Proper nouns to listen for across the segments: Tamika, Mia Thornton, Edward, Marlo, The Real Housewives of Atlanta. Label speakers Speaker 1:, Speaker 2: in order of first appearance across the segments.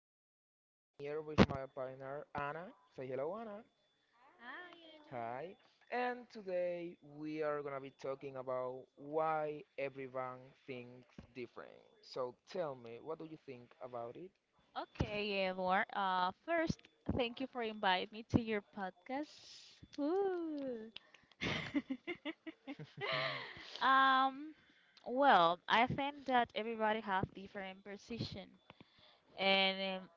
Speaker 1: today I'm here with my partner Anna. Say hello, Anna.
Speaker 2: Hi, Edward.
Speaker 1: Hi. And today we are gonna be talking about why everyone thinks different. So tell me, what do you think about it?
Speaker 2: Okay, Edward. First, thank you for inviting me to your podcast. Woo. um, well, I think that everybody have different position, and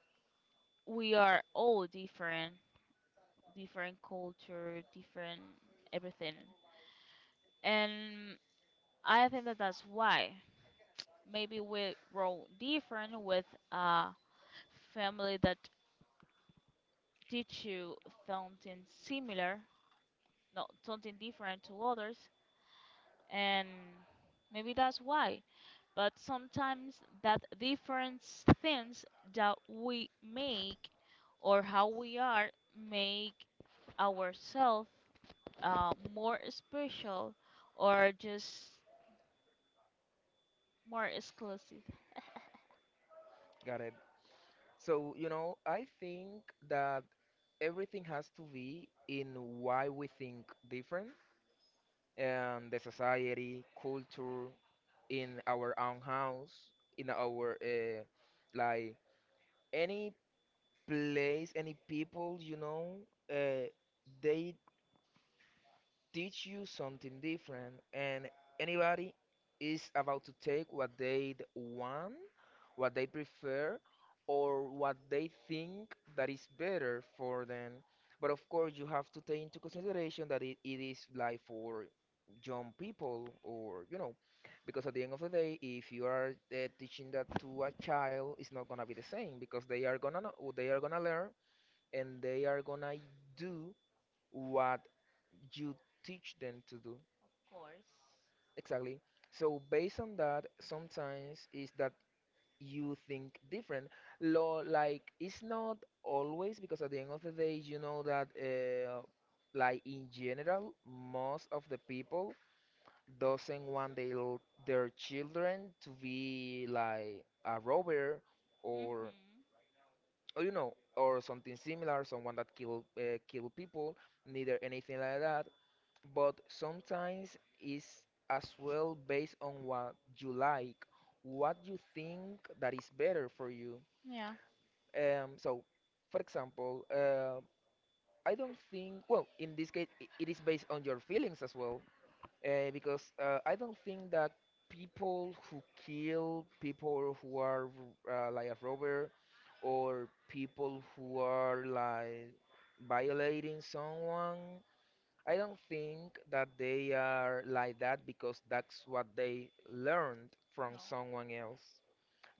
Speaker 2: we are all different, different culture, different everything, and I think that that's why maybe we grow different with a family that teach you something similar. No, something different to others, and maybe that's why. But sometimes that different things that we make, or how we are, make ourselves more special or just more exclusive.
Speaker 1: Got it. So, you know, I think that everything has to be in why we think different and the society, culture, in our own house, in our like any place, any people, you know, uh, they teach you something different, and anybody is about to take want, what they prefer, or what they think that is better for them. But of course you have to take into consideration that it is like for young people, or you know, because at the end of the day, if you are teaching that to a child, it's not gonna be the same, because they are gonna know, they are gonna learn, and they are gonna do what you teach them to do.
Speaker 2: Of course.
Speaker 1: Exactly. So based on that, sometimes is that you think different. Lo, like it's not always, because at the end of the day, you know that like in general, most of the people doesn't want their children to be like a robber, or
Speaker 2: Mhm.
Speaker 1: or you know, or something similar, someone that kill kill people, neither anything like that. But sometimes it's as well based on what you like, what you think that is better for you.
Speaker 2: Yeah.
Speaker 1: So, for example, I don't think, well, in this case, it is based on your feelings as well, because I don't think that people who kill people, who are like a robber, or people who are like violating someone, I don't think that they are like that because that's what they learned from
Speaker 2: No.
Speaker 1: someone else.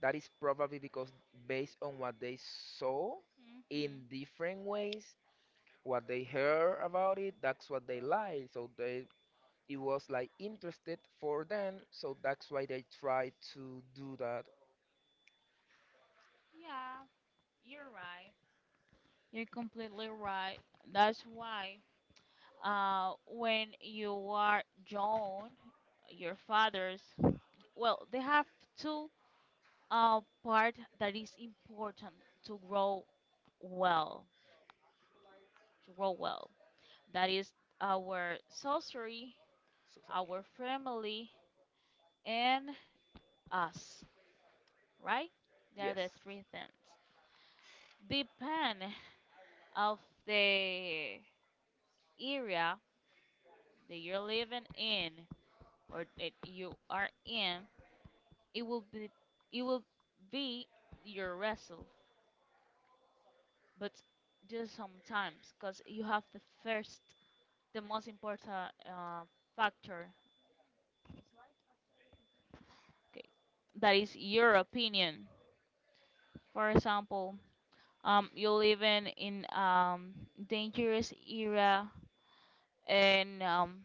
Speaker 1: That is probably because based on what they saw
Speaker 2: Mhm.
Speaker 1: in different ways, what they heard about it, that's what they like. So they, it was like interested for them, so that's why they try to do that.
Speaker 2: Yeah, you're right. You're completely right. That's why when you are young, your fathers, well, they have two part that is important to well, to grow well. That is our sorcery,
Speaker 1: So, so,
Speaker 2: our family, and us, right? They are
Speaker 1: yes,
Speaker 2: the three things. Depend of the area that you're living in or that you are in, it will be, it will be your wrestle, but just sometimes because you have the first, the most important uh, factor. Okay, that is your opinion. For example, you live in dangerous era, and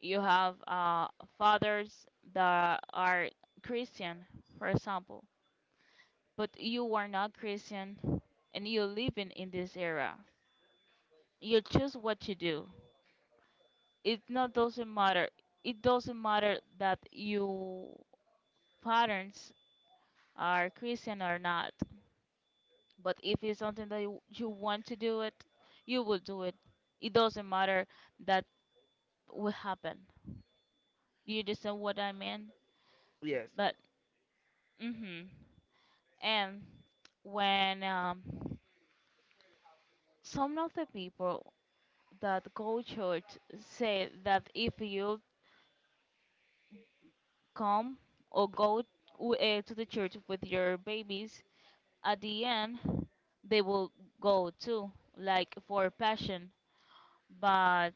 Speaker 2: you have fathers that are Christian, for example, but you are not Christian, and you live in this era. You choose what you do. It not doesn't matter, it doesn't matter that you parents are Christian or not, but if it's something that you want to do it, you will do it. It doesn't matter that will happen. You understand what I mean?
Speaker 1: yes.
Speaker 2: But mhm. And when um, some of the people that go church say that if you come or go to the church with your babies, at the end they will go too, like for passion, but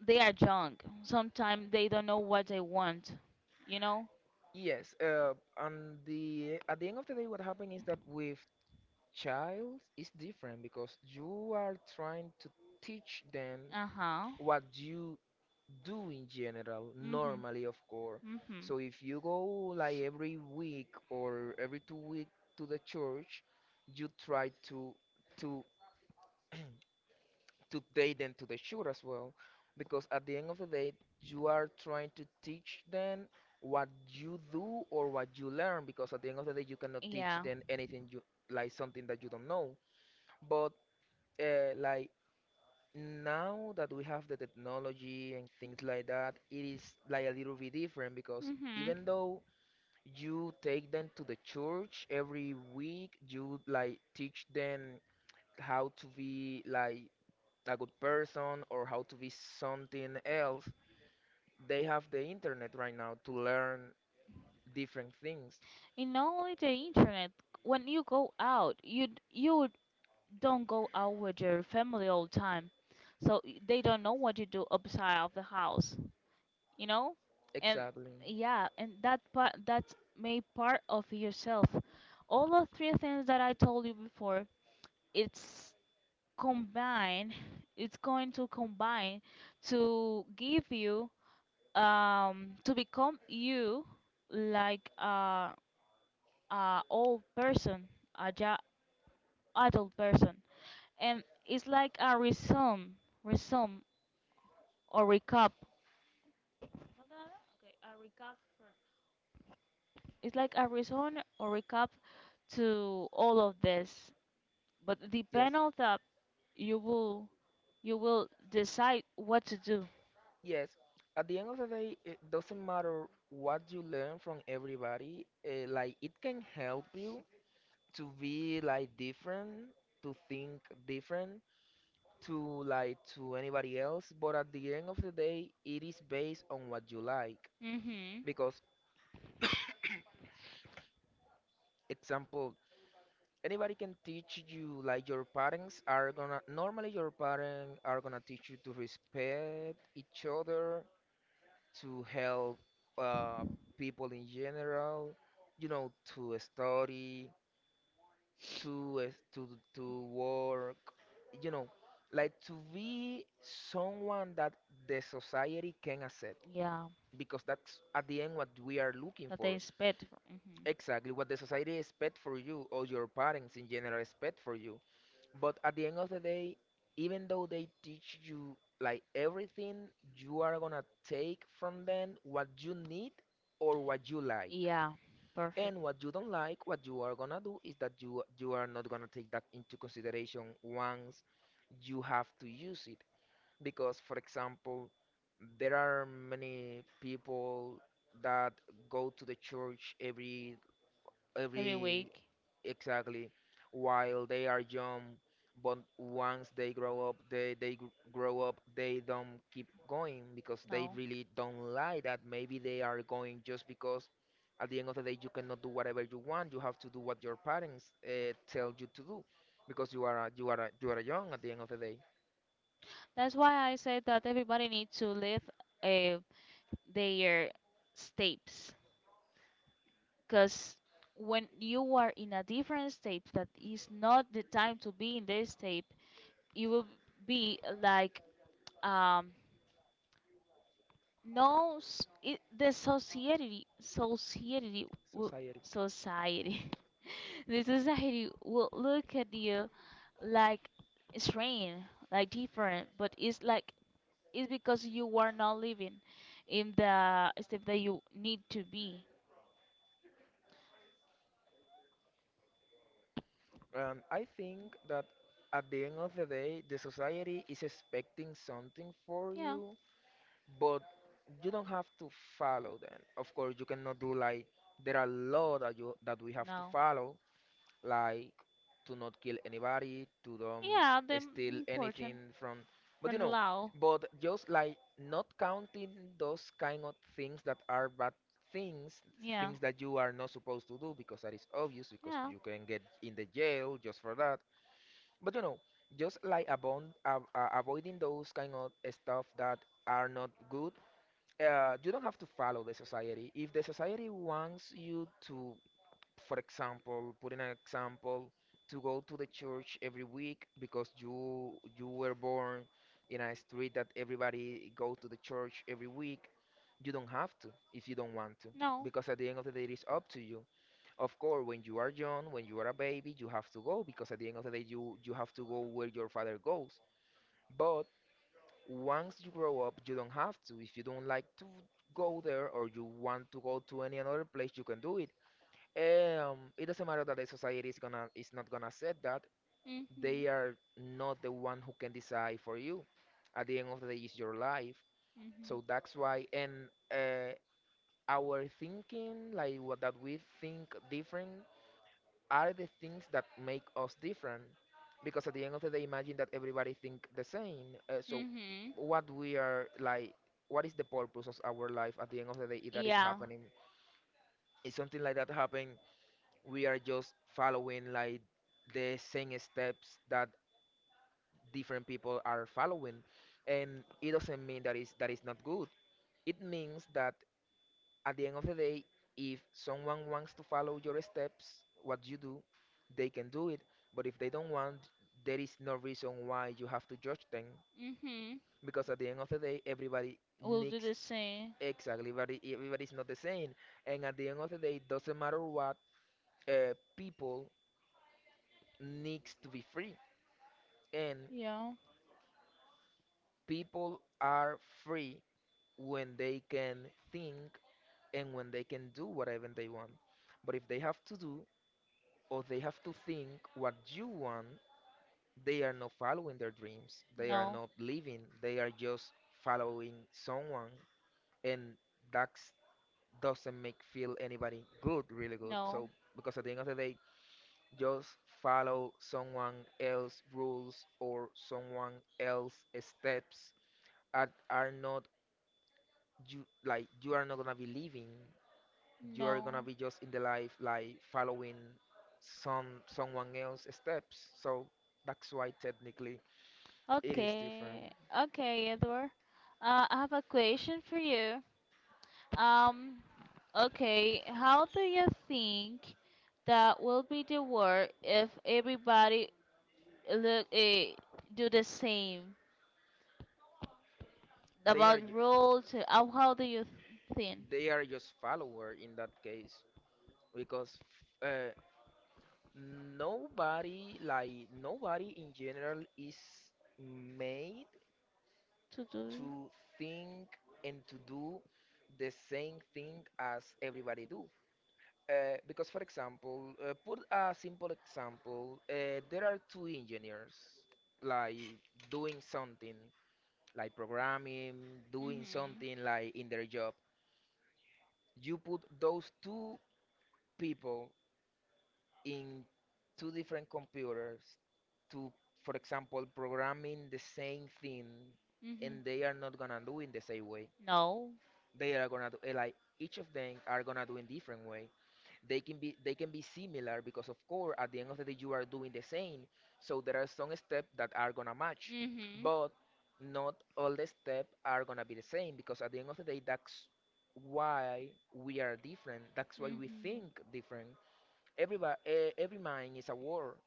Speaker 2: they are young. Sometimes they don't know what they want, you know?
Speaker 1: Yes, and the at the end of the day, what happened is that with child is different because you are trying to teach them
Speaker 2: Uh huh.
Speaker 1: what you do in general,
Speaker 2: Mm hmm.
Speaker 1: normally, of course.
Speaker 2: Mm hmm.
Speaker 1: So if you go like every week or every 2 weeks to the church, you try to to to take them to the church as well, because at the end of the day, you are trying to teach them what you do or what you learn. Because at the end of the day, you cannot teach
Speaker 2: Yeah.
Speaker 1: them anything you like, something that you don't know, but like now that we have the technology and things like that, it is like a little bit different, because
Speaker 2: Mm hmm.
Speaker 1: even though you take them to the church every week, you like teach them how to be like a good person or how to be something else, they have the internet right now to learn different things.
Speaker 2: And not only the internet, when you go out, you don't go out with your family all the time. So they don't know what you do outside of the house, you know? And
Speaker 1: Exactly.
Speaker 2: yeah, and that part that's made part of yourself, all of three things that I told you before, it's combined, it's going to combine to give you, to become you like a old person, a ja- adult person, and it's like a resume or recap. Something like that? Okay, a recap for, it's like a resume or recap to all of this, but the
Speaker 1: Yes.
Speaker 2: panel that you will, you will decide what to do.
Speaker 1: Yes, at the end of the day, it doesn't matter what you learn from everybody. Like it can help you to be like different, to think different, to like to anybody else. But at the end of the day, it is based on what you like.
Speaker 2: Mhm.
Speaker 1: Because example, anybody can teach you. Like your parents are gonna, normally your parents are gonna teach you to respect each other, to help uh, people in general, you know, to study, to uh, to to work, you know, like to be someone that the society can accept,
Speaker 2: Yeah,
Speaker 1: because that's at the end what we are looking
Speaker 2: that that
Speaker 1: for.
Speaker 2: is better. Mhm.
Speaker 1: Exactly what the society expect for you or your parents in general expect for you. But at the end of the day, even though they teach you like everything, you are gonna take from them what you need or what you like.
Speaker 2: Yeah, perfect.
Speaker 1: And what you don't like, what you are gonna do is that you are not gonna take that into consideration once you have to use it. Because for example, there are many people that go to the church every
Speaker 2: Every
Speaker 1: every
Speaker 2: week.
Speaker 1: exactly while they are young, but once they grow up they grow up, they don't keep going because they
Speaker 2: No.
Speaker 1: really don't like that. Maybe they are going just because at the end of the day you cannot do whatever you want, you have to do what your parents tell you to do, because you are young at the end of the day.
Speaker 2: That's why I said that everybody needs to live uh, their steps. Because when you are in a different state that is not the time to be in this state, you will be like um, no, it, the will,
Speaker 1: Society.
Speaker 2: society, the society will look at you like strange, like different, but it's like it's because you are not living in the step that you need to be.
Speaker 1: I think that at the end of the day, the society is expecting something for
Speaker 2: Yeah,
Speaker 1: you, but you don't have to follow them. Of course, you cannot do, like, there are law that you that we have to
Speaker 2: no,
Speaker 1: follow, like to not kill anybody, to don't
Speaker 2: yeah, the
Speaker 1: steal
Speaker 2: important
Speaker 1: anything from. But you
Speaker 2: from
Speaker 1: know,
Speaker 2: Lao.
Speaker 1: but just like not counting those kind of things that are bad things,
Speaker 2: Yeah,
Speaker 1: things that you are not supposed to do, because that is obvious, because
Speaker 2: yeah,
Speaker 1: you can get in the jail just for that. But you know, just like avoiding those kind of stuff that are not good, you don't have to follow the society. If the society wants you to, for example, put in an example, to go to the church every week because you were born in a street that everybody go to the church every week, you don't have to, if you don't want to,
Speaker 2: no.
Speaker 1: because at the end of the day it is up to you. Of course, when you are young, when you are a baby, you have to go because at the end of the day you have to go where your father goes. But once you grow up, you don't have to. If you don't like to go there or you want to go to any another place, you can do it. It doesn't matter that the society is gonna, is not gonna accept that. They
Speaker 2: Mhm,
Speaker 1: are not the one who can decide for you. At the end of the day, it's your life.
Speaker 2: mhm,
Speaker 1: So that's why, and our thinking, like what that we think different are the things that make us different, because at the end of the day imagine that everybody think the same, so
Speaker 2: mhm.
Speaker 1: what we are like, what is the purpose of our life at the end of the day if that is
Speaker 2: Yeah,
Speaker 1: happening, if something like that happen, we are just following like the same steps that different people are following, and it doesn't mean that is not good, it means that at the end of the day, if someone wants to follow your steps, what you do, they can do it. But if they don't want, there is no reason why you have to judge them.
Speaker 2: mhm.
Speaker 1: Because at the end of the day, everybody
Speaker 2: We'll do
Speaker 1: needs,
Speaker 2: the same.
Speaker 1: exactly, everybody's not the same. And at the end of the day, doesn't matter what, people needs to be free. And
Speaker 2: Yeah.
Speaker 1: people are free when they can think and when they can do whatever they want. But if they have to do or they have to think what you want, they are not following their dreams. They are
Speaker 2: No,
Speaker 1: not living. They are just following someone, and that doesn't make feel anybody good, really good.
Speaker 2: no,
Speaker 1: So because at the end of the day, just follow someone else rules or someone else steps that are not you, like you are not gonna be living, you are gonna
Speaker 2: no.
Speaker 1: be just in the life like following someone else's steps, so that's why technically it is different.
Speaker 2: Okay, okay, Edward. I have a question for you. Um, okay, how do you think that will be the world if everybody look do the same
Speaker 1: they
Speaker 2: about
Speaker 1: are ju-
Speaker 2: rules? How do you think
Speaker 1: they are just follower in that case, because uh, nobody, like nobody in general is made
Speaker 2: to do?
Speaker 1: to think and to do the same thing as everybody do. Because, for example, put a simple example. There are two engineers, like doing something, like programming, doing
Speaker 2: Mhm,
Speaker 1: something like in their job. You put those two people in two different computers to, for example, programming the same thing,
Speaker 2: mhm.
Speaker 1: and they are not gonna do in the same way.
Speaker 2: No.
Speaker 1: They are gonna do eh, like each of them are gonna do in different way. They can be similar because of course at the end of the day you are doing the same, so there are some steps that are gonna match,
Speaker 2: Mhm,
Speaker 1: but not all the steps are gonna be the same because at the end of the day, that's why we are different, that's why we
Speaker 2: mhm,
Speaker 1: think different. Everybody, every mind is a world.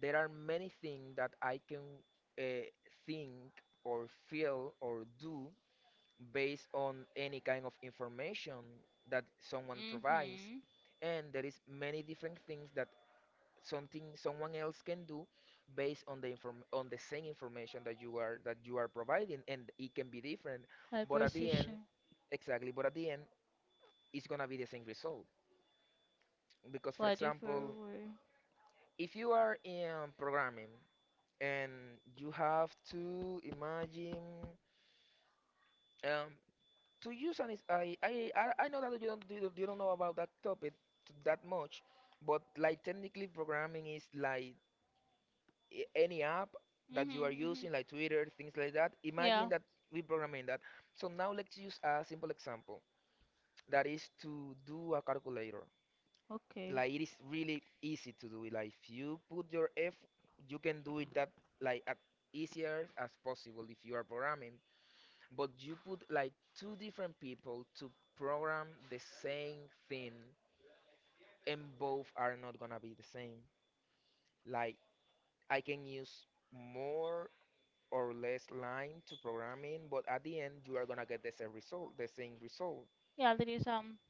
Speaker 1: There are many things that I can uh, think or feel or do based on any kind of information that someone provides.
Speaker 2: mhm.
Speaker 1: And there is many different things that something someone else can do based on the inform on the same information that you are providing, and it can be different. But at the end,
Speaker 2: Hypercision,
Speaker 1: exactly, but at the end it's gonna be the same result. Because for
Speaker 2: body for
Speaker 1: example,
Speaker 2: word.
Speaker 1: if you are in programming and you have to imagine, um, to you, Sanis, I know that you don't know about that topic that much, but like technically programming is like any app that you are
Speaker 2: Mhm, mhm.
Speaker 1: using, like Twitter, things like that. Imagine
Speaker 2: Yeah.
Speaker 1: that we programming that. So now let's use a simple example that is to do a calculator.
Speaker 2: Okay.
Speaker 1: Like it is really easy to do it. Like if you put your F, you can do it that like as easier as possible if you are programming. But you put like two different people to program the same thing, and both are not gonna be the same. Like I can use more or less line to programming, but at the end you are gonna get the same result, the same result.
Speaker 2: Yeah, there is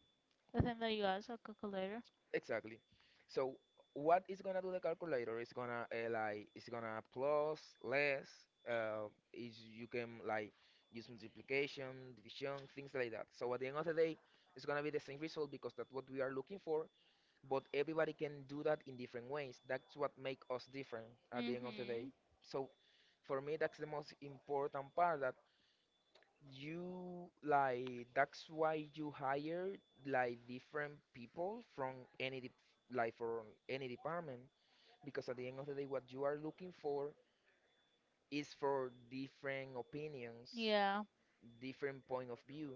Speaker 2: the thing that you asked, a calculator.
Speaker 1: Exactly. So what it's gonna do, the calculator is gonna, like it's gonna plus less, is you can like use multiplication, division, things like that. So at the end of the day, it's gonna be the same result because that's what we are looking for, but everybody can do that in different ways. That's what make us different at the end of the day.
Speaker 2: Mhm.
Speaker 1: So for me that's the most important part, that you like that's why you hire like different people from any dep- like from any department, because at the end of the day what you are looking for is for different opinions,
Speaker 2: Yeah.
Speaker 1: different point of view.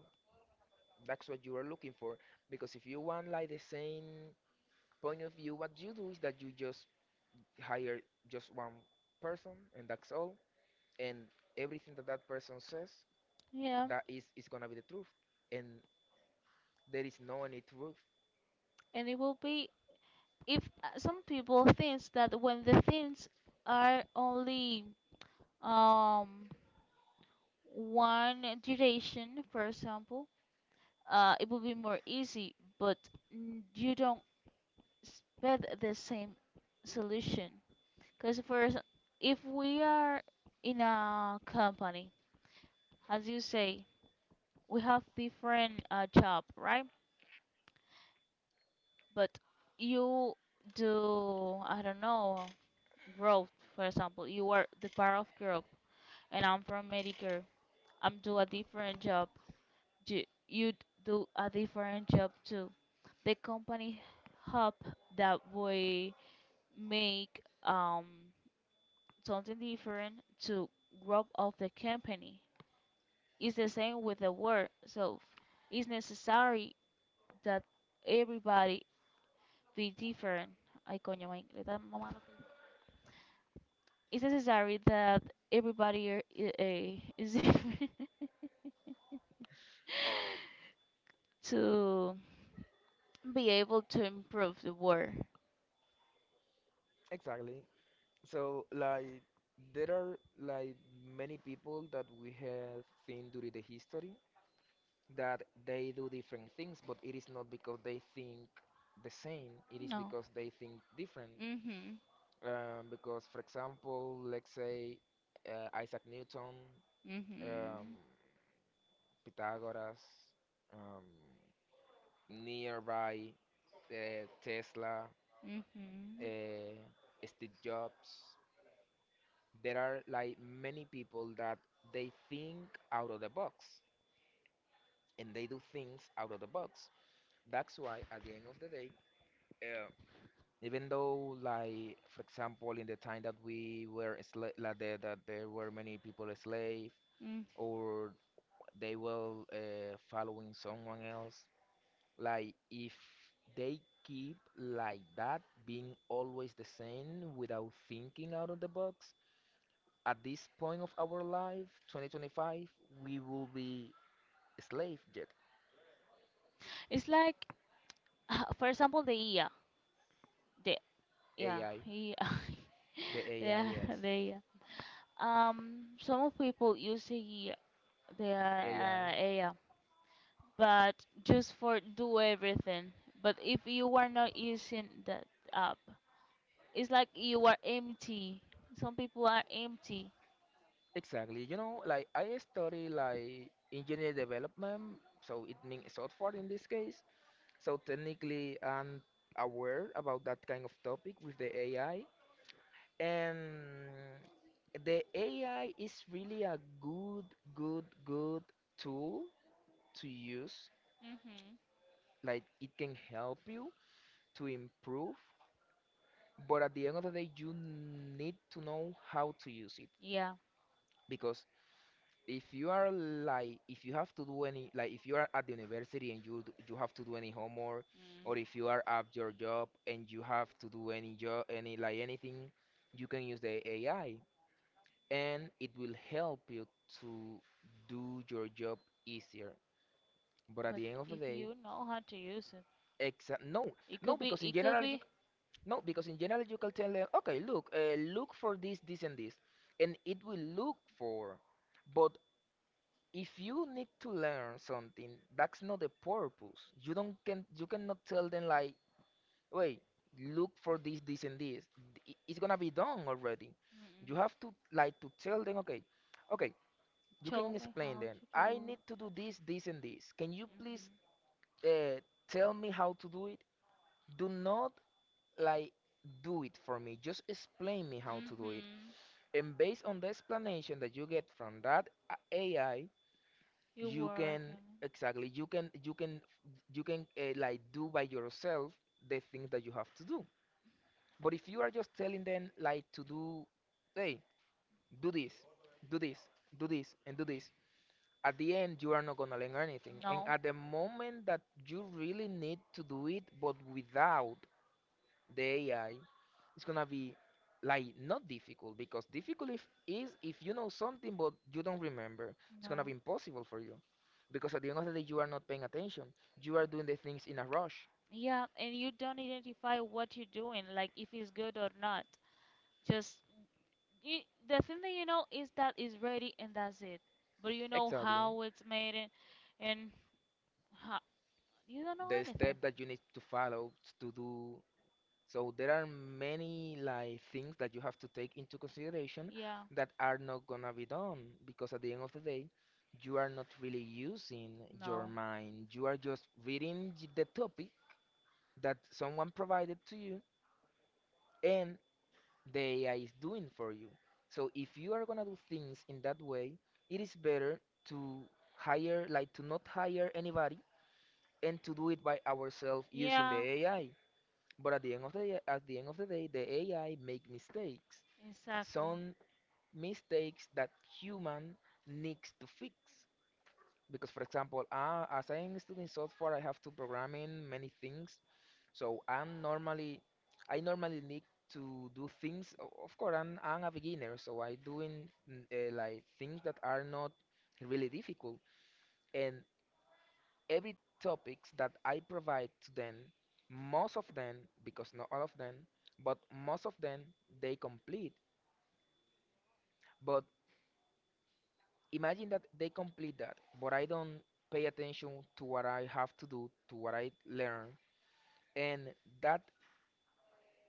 Speaker 1: That's what you are looking for, because if you want like the same point of view, what you do is that you just hire just one person, and that's all, and everything that that person says,
Speaker 2: Yeah.
Speaker 1: that is gonna be the truth, and there is no need to,
Speaker 2: And it will be if some people thinks that when the things are only um one duration, for example, it will be more easy, but you don't expect the same solution. Because if we are in a company, as you say, we have different job, right? But you do, I don't know, growth, for example. You are the part of growth, and I'm from Medicare. I'm do a different job. You do a different job too. The company help that we make something different to grow of the company. It's the same with the work. It's necessary that everybody be different. Ay, coño, may- le da mamá lo. It's necessary that everybody are- I- eh, is different to be able to improve the world.
Speaker 1: exactly. So like there are like many people that we have seen during the history that they do different things, but it is not because they think the same, it is
Speaker 2: No.
Speaker 1: because they think different.
Speaker 2: Mhm.
Speaker 1: Because for example let's say, Isaac Newton, um,
Speaker 2: Mhm.
Speaker 1: Pythagoras, um, nearby, Tesla,
Speaker 2: Mhm.
Speaker 1: uh, Steve Jobs. There are like many people that they think out of the box and they do things out of the box. That's why at the end of the day, uh, even though like for example in the time that we were like the, that there were many people a slave,
Speaker 2: Mm.
Speaker 1: or they were following someone else, like if they keep like that being always the same without thinking out of the box, at this point of our life, 2025, we will be slave yet.
Speaker 2: It's like, for example, the IA. The yeah,
Speaker 1: AI,
Speaker 2: IA.
Speaker 1: the AI,
Speaker 2: Yeah,
Speaker 1: yes,
Speaker 2: the IA. Some of people use the I
Speaker 1: AI.
Speaker 2: A, the but just for do everything. But if you are not using that app, it's like you are empty. Some people are empty.
Speaker 1: Exactly. You know, like I study like engineer development, so it means software in this case. So technically, I'm aware about that kind of topic with the AI, and the AI is really a good, good, good tool to use.
Speaker 2: Mhm.
Speaker 1: Like it can help you to improve. But at the end of the day, you need to know how to use it,
Speaker 2: Yeah,
Speaker 1: because if you are like if you have to do any like if you are at the university and you you have to do any homework,
Speaker 2: Mm.
Speaker 1: or if you are at your job and you have to do any job, any like anything, you can use the AI and it will help you to do your job easier. But at
Speaker 2: But
Speaker 1: the end of the
Speaker 2: if
Speaker 1: day,
Speaker 2: you know how to use it,
Speaker 1: exa no,
Speaker 2: it
Speaker 1: no,
Speaker 2: could be.
Speaker 1: because in
Speaker 2: It could
Speaker 1: general you,
Speaker 2: be.
Speaker 1: no, because in general you can tell them, okay, look, look for this, this, and this, and it will look for. But if you need to learn something, that's not the purpose. You don't can you cannot tell them like, wait, look for this, this, and this. It's gonna be done already. You
Speaker 2: Mm.
Speaker 1: have to like to tell them, okay, okay, you
Speaker 2: Show
Speaker 1: can
Speaker 2: me
Speaker 1: explain
Speaker 2: how
Speaker 1: them.
Speaker 2: to
Speaker 1: I need
Speaker 2: do.
Speaker 1: to do this, this, and this. Can you please
Speaker 2: Mhm.
Speaker 1: uh, tell me how to do it? Do not like do it for me, just explain me how to do it,
Speaker 2: Mhm.
Speaker 1: and based on the explanation that you get from that ai,
Speaker 2: You
Speaker 1: you
Speaker 2: work
Speaker 1: can,
Speaker 2: and
Speaker 1: exactly, you can like do by yourself the things that you have to do. But if you are just telling them like to do, hey, do this, do this, do this, and do this, at the end you are not gonna learn anything, and
Speaker 2: no,
Speaker 1: at the moment that you really need to do it but without the AI, is gonna be like not difficult, because difficult if, is if you know something but you don't remember. It's gonna be
Speaker 2: no.
Speaker 1: impossible for you because at the end of the day you are not paying attention. You are doing the things in a rush.
Speaker 2: Yeah, and you don't identify what you're doing, like if it's good or not. Just you, the thing that you know is that it's ready and that's it. But you know
Speaker 1: Exactly.
Speaker 2: how it's made, and how, you don't know
Speaker 1: The
Speaker 2: anything.
Speaker 1: step that you need to follow to do. So there are many like things that you have to take into consideration
Speaker 2: Yeah,
Speaker 1: that are not gonna be done because at the end of the day you are not really using your
Speaker 2: no.
Speaker 1: mind. You are just reading the topic that someone provided to you, and the AI is doing for you. So if you are gonna do things in that way, it is better to hire, like to not hire anybody and to do it by ourselves using the
Speaker 2: Yeah,
Speaker 1: AI. But at the end of the day, at the end of the day, the AI make mistakes.
Speaker 2: exactly.
Speaker 1: Some mistakes that human needs to fix. Because for example, as I am studying software, I have to program in many things. So I'm normally, I normally need to do things. Of course, I'm a beginner, so I doing like things that are not really difficult. And every topics that I provide to them, most of them, because not all of them, but most of them, they complete. But imagine that they complete that, but I don't pay attention to what I have to do, to what I learn, and that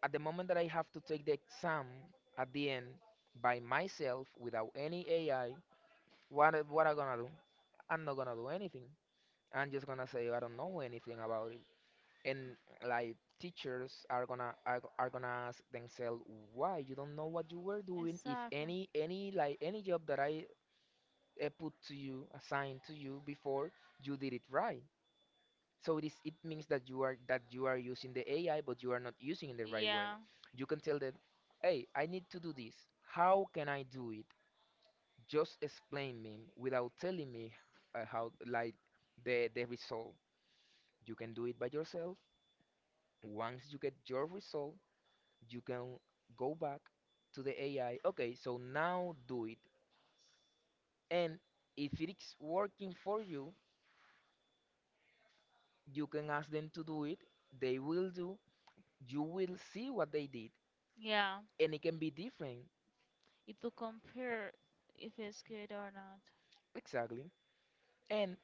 Speaker 1: at the moment that I have to take the exam at the end by myself without any AI, what I gonna do? I'm not gonna do anything. I'm just gonna say I don't know anything about it. And like teachers are gonna ask themselves why you don't know what you were doing, if
Speaker 2: Exactly.
Speaker 1: any any job that I put to you, assigned to you before, you did it right. So this it means that you are using the AI, but you are not using it the right way.
Speaker 2: Yeah,
Speaker 1: You can tell that, hey, I need to do this. How can I do it? Just explain me without telling me, how like the result. You can do it by yourself. Once you get your result, you can go back to the AI. Okay, so now do it. And if it's working for you, you can ask them to do it. They will do. You will see what they did,
Speaker 2: yeah.
Speaker 1: and it can be different,
Speaker 2: It to compare if it's good or not.
Speaker 1: exactly. And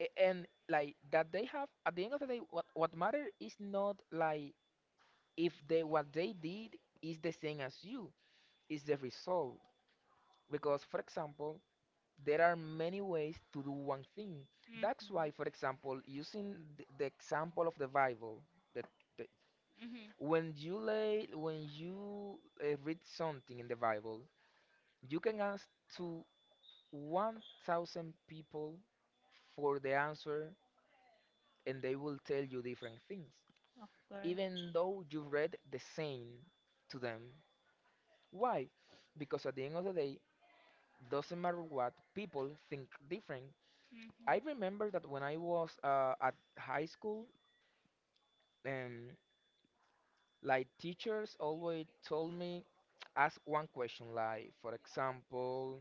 Speaker 1: and like that they have at the end of the day, what matter is not like if they what they did is the same as you, is the result, because for example, there are many ways to do one thing. That's why for
Speaker 2: Mhm.
Speaker 1: example using the example of the bible, that the,
Speaker 2: Mhm.
Speaker 1: when you read something in the bible, you can ask to 1,000 people for the answer, and they will tell you different things,
Speaker 2: Oh, great.
Speaker 1: even though you read the same to them. Why? Because at the end of the day, doesn't matter what, people think different.
Speaker 2: Mhm.
Speaker 1: I remember that when I was at high school, um, like teachers always told me, ask one question, like for example,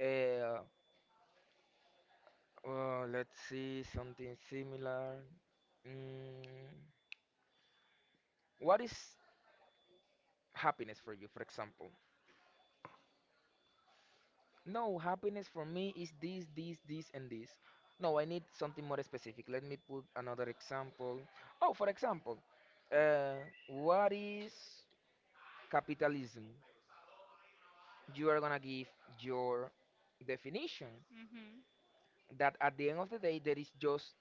Speaker 1: uh, let's see something similar. Mm, What is happiness for you, for example? No, happiness for me is this, this, this, and this. No, I need something more specific. Let me put another example. Oh, for example, uh, what is capitalism? You are gonna give your definition.
Speaker 2: Mhm.
Speaker 1: That at the end of the day, there is just,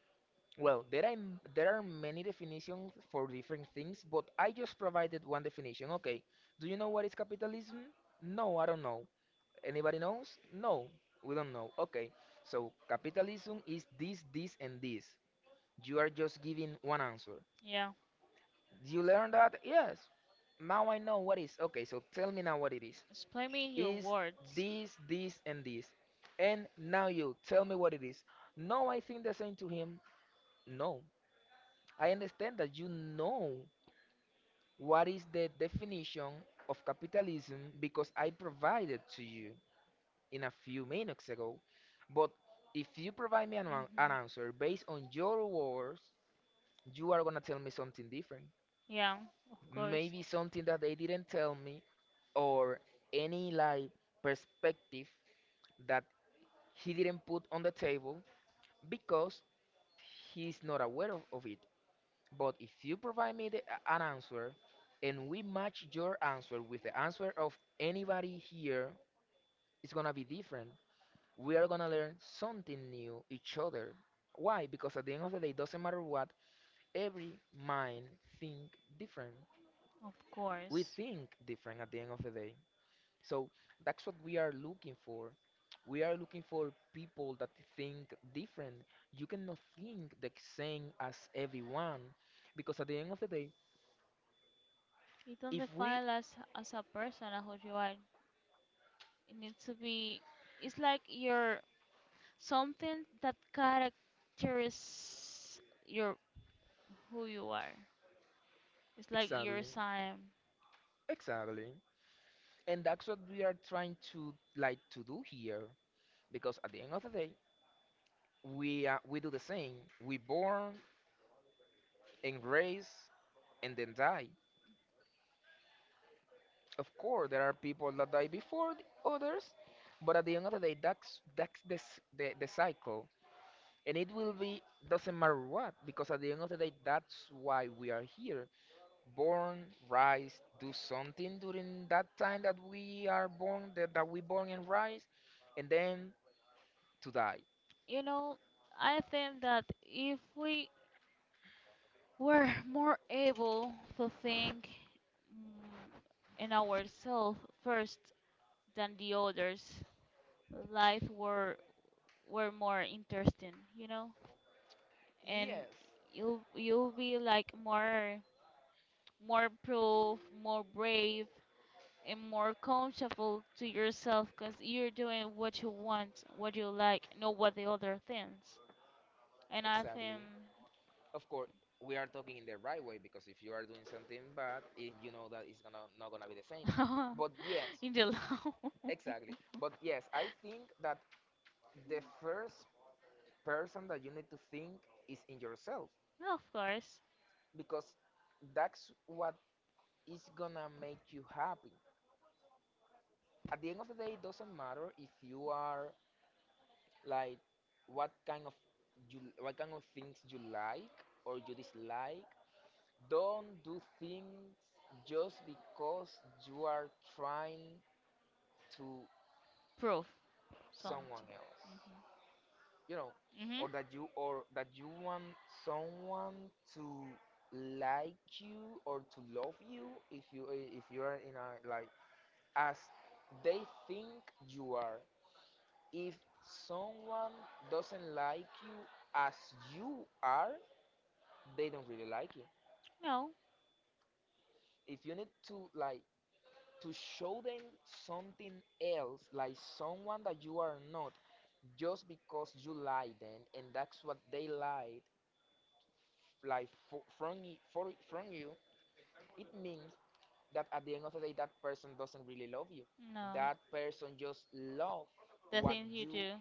Speaker 1: well, there are there are many definitions for different things, but I just provided one definition. Okay, do you know what is capitalism? No, I don't know. Anybody knows? No, we don't know. Okay, so capitalism is this, this, and this. You are just giving one answer.
Speaker 2: Yeah.
Speaker 1: Do you learn that? Yes. Now I know what is. Okay, so tell me now what it is.
Speaker 2: Explain me your
Speaker 1: Is
Speaker 2: words.
Speaker 1: this, this, and this. And now you tell me what it is. No, I think the same to him. No. I understand that you know what is the definition of capitalism because I provided to you in a few minutes ago. But if you provide me an
Speaker 2: Mhm.
Speaker 1: answer based on your words, you are gonna tell me something different.
Speaker 2: Yeah, of course.
Speaker 1: Maybe something that they didn't tell me, or any like perspective that he didn't put on the table because he's not aware of it. But if you provide me an answer and we match your answer with the answer of anybody here, it's gonna be different. We are gonna learn something new each other. Why? Because at the end of the day, doesn't matter what, every mind think different.
Speaker 2: Of
Speaker 1: We
Speaker 2: course.
Speaker 1: think different at the end of the day. So that's what we are looking for. We are looking for people that think different. You cannot think the same as everyone, because at the end of the day,
Speaker 2: You don't
Speaker 1: if we
Speaker 2: define us as a person as who you are. It needs to be, it's like your, something that characterizes your who you are. It's like your
Speaker 1: exactly,
Speaker 2: sign.
Speaker 1: exactly, and that's what we are trying to like to do here. Because at the end of the day, we do the same. We born and raise and then die. Of course, there are people that die before the others, but at the end of the day, that's the cycle, and it will be doesn't matter what because at the end of the day, that's why we are here. Born, rise, do something during that time that we are born, that we born and rise, and then to die.
Speaker 2: You know, I think that if we were more able to think mm, in ourselves first than the others, life were more interesting, you know? And
Speaker 1: Yes,
Speaker 2: you'll be like more, more proof, more brave, and more comfortable to yourself because you're doing what you want, what you like, not what the other thinks. And I
Speaker 1: exactly.
Speaker 2: think
Speaker 1: Of course, we are talking in the right way because if you are doing something bad, you know that it's gonna not gonna be the same. But yes,
Speaker 2: in the law,
Speaker 1: exactly. But yes, I think that the first person that you need to think is in yourself
Speaker 2: no, of course,
Speaker 1: because that's what is gonna make you happy. At the end of the day, it doesn't matter if you are like what kind of what kind of things you like or you dislike. Don't do things just because you are trying to
Speaker 2: proof
Speaker 1: someone
Speaker 2: something.
Speaker 1: else. You know,
Speaker 2: Mhm. Mhm.
Speaker 1: or that you want someone to like you or to love you if you are in a like as they think you are. If someone doesn't like you as you are, they don't really like you.
Speaker 2: No,
Speaker 1: If you need to like to show them something else, like someone that you are not, just because you lie then, and that's what they lied, like from you. It means that at the end of the day, that person doesn't really love you.
Speaker 2: no,
Speaker 1: That person just loves
Speaker 2: the
Speaker 1: what
Speaker 2: things you
Speaker 1: you
Speaker 2: do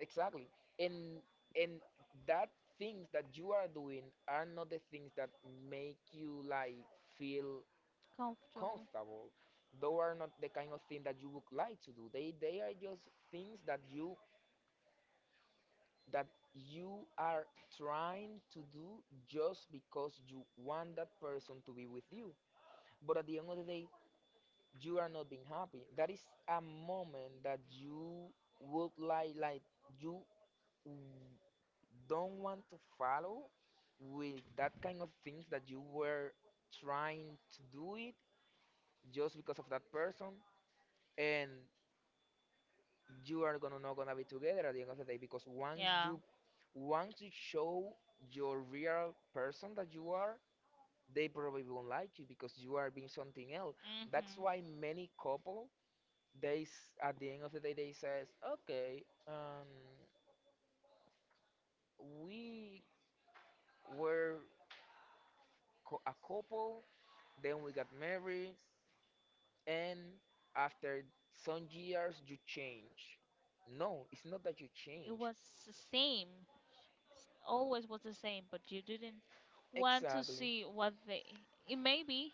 Speaker 1: exactly, and and that things that you are doing are not the things that make you like feel
Speaker 2: comfortable.
Speaker 1: comfortable. Those are not the kind of thing that you would like to do. They are just things that you are trying to do just because you want that person to be with you. But at the end of the day, you are not being happy. That is a moment that you would like you w- don't want to follow with that kind of things that you were trying to do it just because of that person, and you are gonna not gonna be together at the end of the day because once
Speaker 2: Yeah.
Speaker 1: you want to show your real person that you are, they probably won't like you because you are being something else. That's
Speaker 2: Mhm.
Speaker 1: why many couple at the end of the day they says, okay, we were a couple, then we got married, and after some years you change. No, it's not that you
Speaker 2: It
Speaker 1: change.
Speaker 2: was the same. Always was the same, but you didn't want to
Speaker 1: Exactly.
Speaker 2: see what they. It may be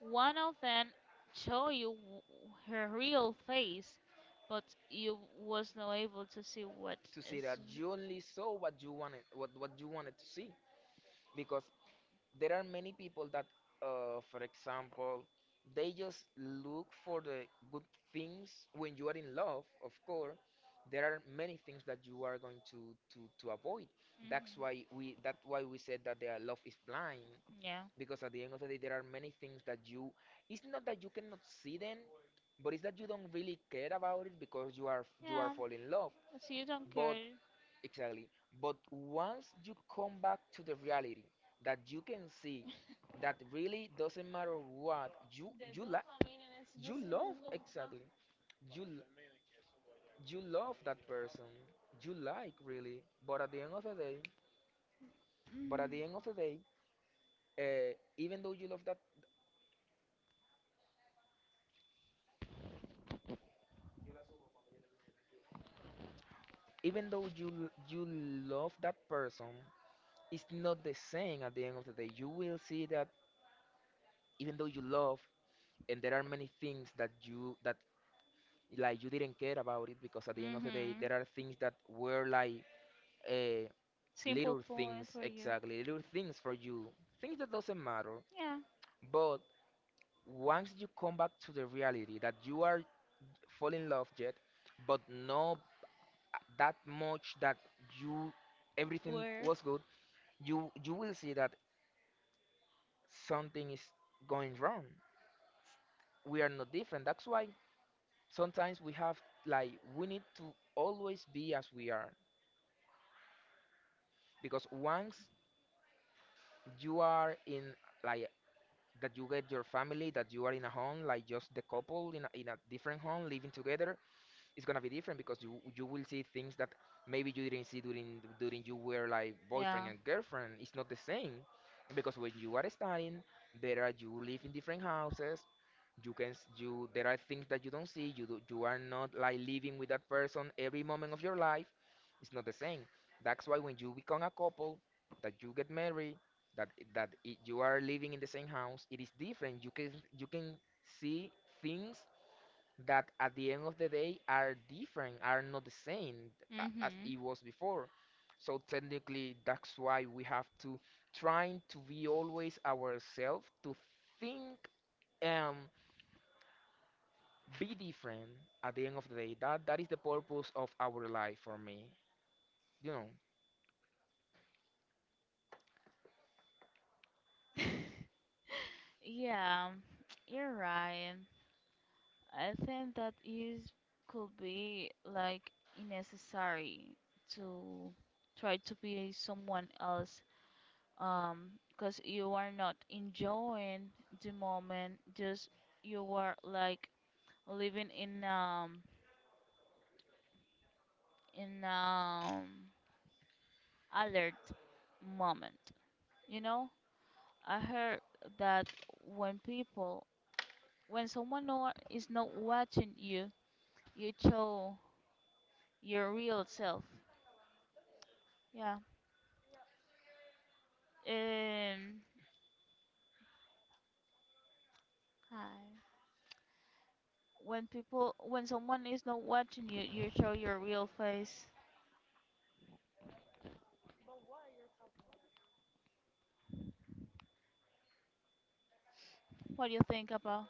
Speaker 2: one of them show you her real face, but you was not able to see what.
Speaker 1: To see that you only saw what you wanted to see because there are many people that for example they just look for the good things when you are in love. Of course there are many things that you are going to avoid.
Speaker 2: Mm-hmm.
Speaker 1: That's why we said that their love is blind
Speaker 2: Yeah,
Speaker 1: because at the end of the day there are many things that you it's not that you cannot see them, but it's that you don't really care about it because you are
Speaker 2: yeah.
Speaker 1: falling in love
Speaker 2: So you don't
Speaker 1: but
Speaker 2: care.
Speaker 1: exactly. But once you come back to the reality that you can see that really doesn't matter what you like, you love, exactly, you l- you love that person, you like really, but at the end of the day but at the end of the day, uh, even though you love that even though you love that person. It's not the same. At the end of the day you will see that even though you love, and there are many things that like you didn't care about it because at the end of the day
Speaker 2: Hmm.
Speaker 1: there are things that were like uh,
Speaker 2: Simple
Speaker 1: little things,
Speaker 2: point for you.
Speaker 1: exactly, little things for you, things that doesn't matter.
Speaker 2: Yeah.
Speaker 1: But once you come back to the reality that you are fall in love yet but not that much, that you everything
Speaker 2: Where?
Speaker 1: was good, you will see that something is going wrong. We are not different. That's why sometimes we have, like, we need to always be as we are because once you are in like that you get your family, that you are in a home like just the couple in a different home living together, it's gonna be different because you will see things that maybe you didn't see during you were like boyfriend
Speaker 2: Yeah.
Speaker 1: and girlfriend. It's not the same, because when you are studying there are you live in different houses. You can s- you There are things that you don't see, you are not like living with that person every moment of your life. It's not the same. That's why when you become a couple, that you get married, that you are living in the same house, it is different. You can you can see things that at the end of the day are different, are not the same as
Speaker 2: Hmm.
Speaker 1: it was before. So technically that's why we have to trying to be always ourselves, to think, um, be different. At the end of the day, that is the purpose of our life for me you know
Speaker 2: Yeah, you're right. I think that is could be like unnecessary to try to be someone else, because you are not enjoying the moment, just you are like living in alert moment, you know? I heard that when people when someone is not watching you, you show your real self. Yeah. Um, Hi. When people, when someone is not watching you, you show your real face. What do you think about?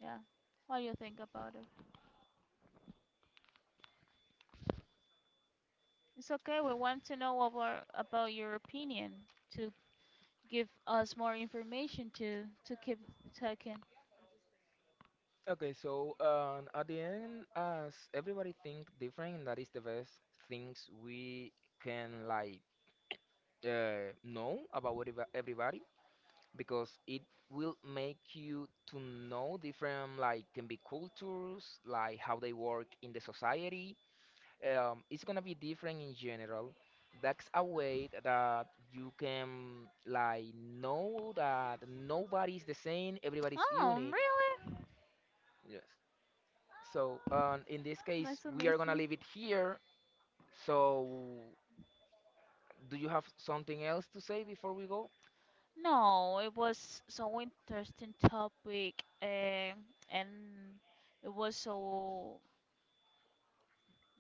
Speaker 2: Yeah. What do you think about it? It's okay. We want to know about your opinion to give us more information to keep talking.
Speaker 1: okay, so at the end as everybody think different, that is the best things we can like know about everybody because it will make you to know different, like can be cultures, like how they work in the society. It's gonna be different in general. That's a way that you can like know that nobody's the same, everybody's
Speaker 2: Oh,
Speaker 1: unique.
Speaker 2: really?
Speaker 1: Yes. So in this case,
Speaker 2: Nice to
Speaker 1: we
Speaker 2: meet
Speaker 1: are gonna
Speaker 2: you.
Speaker 1: leave it here. So do you have something else to say before we go?
Speaker 2: No, it was so interesting topic, and it was so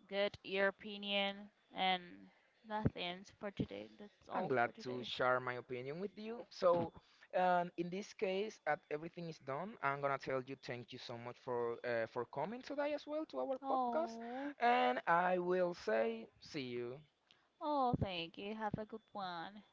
Speaker 2: good, your opinion, and that's the for today. That's
Speaker 1: I'm
Speaker 2: all
Speaker 1: glad
Speaker 2: for
Speaker 1: to
Speaker 2: today.
Speaker 1: share my opinion with you. So, in this case, at everything is done, I'm gonna tell you thank you so much for coming today as well to our podcast,
Speaker 2: Oh,
Speaker 1: and I will say see you.
Speaker 2: oh, thank you. Have a good one.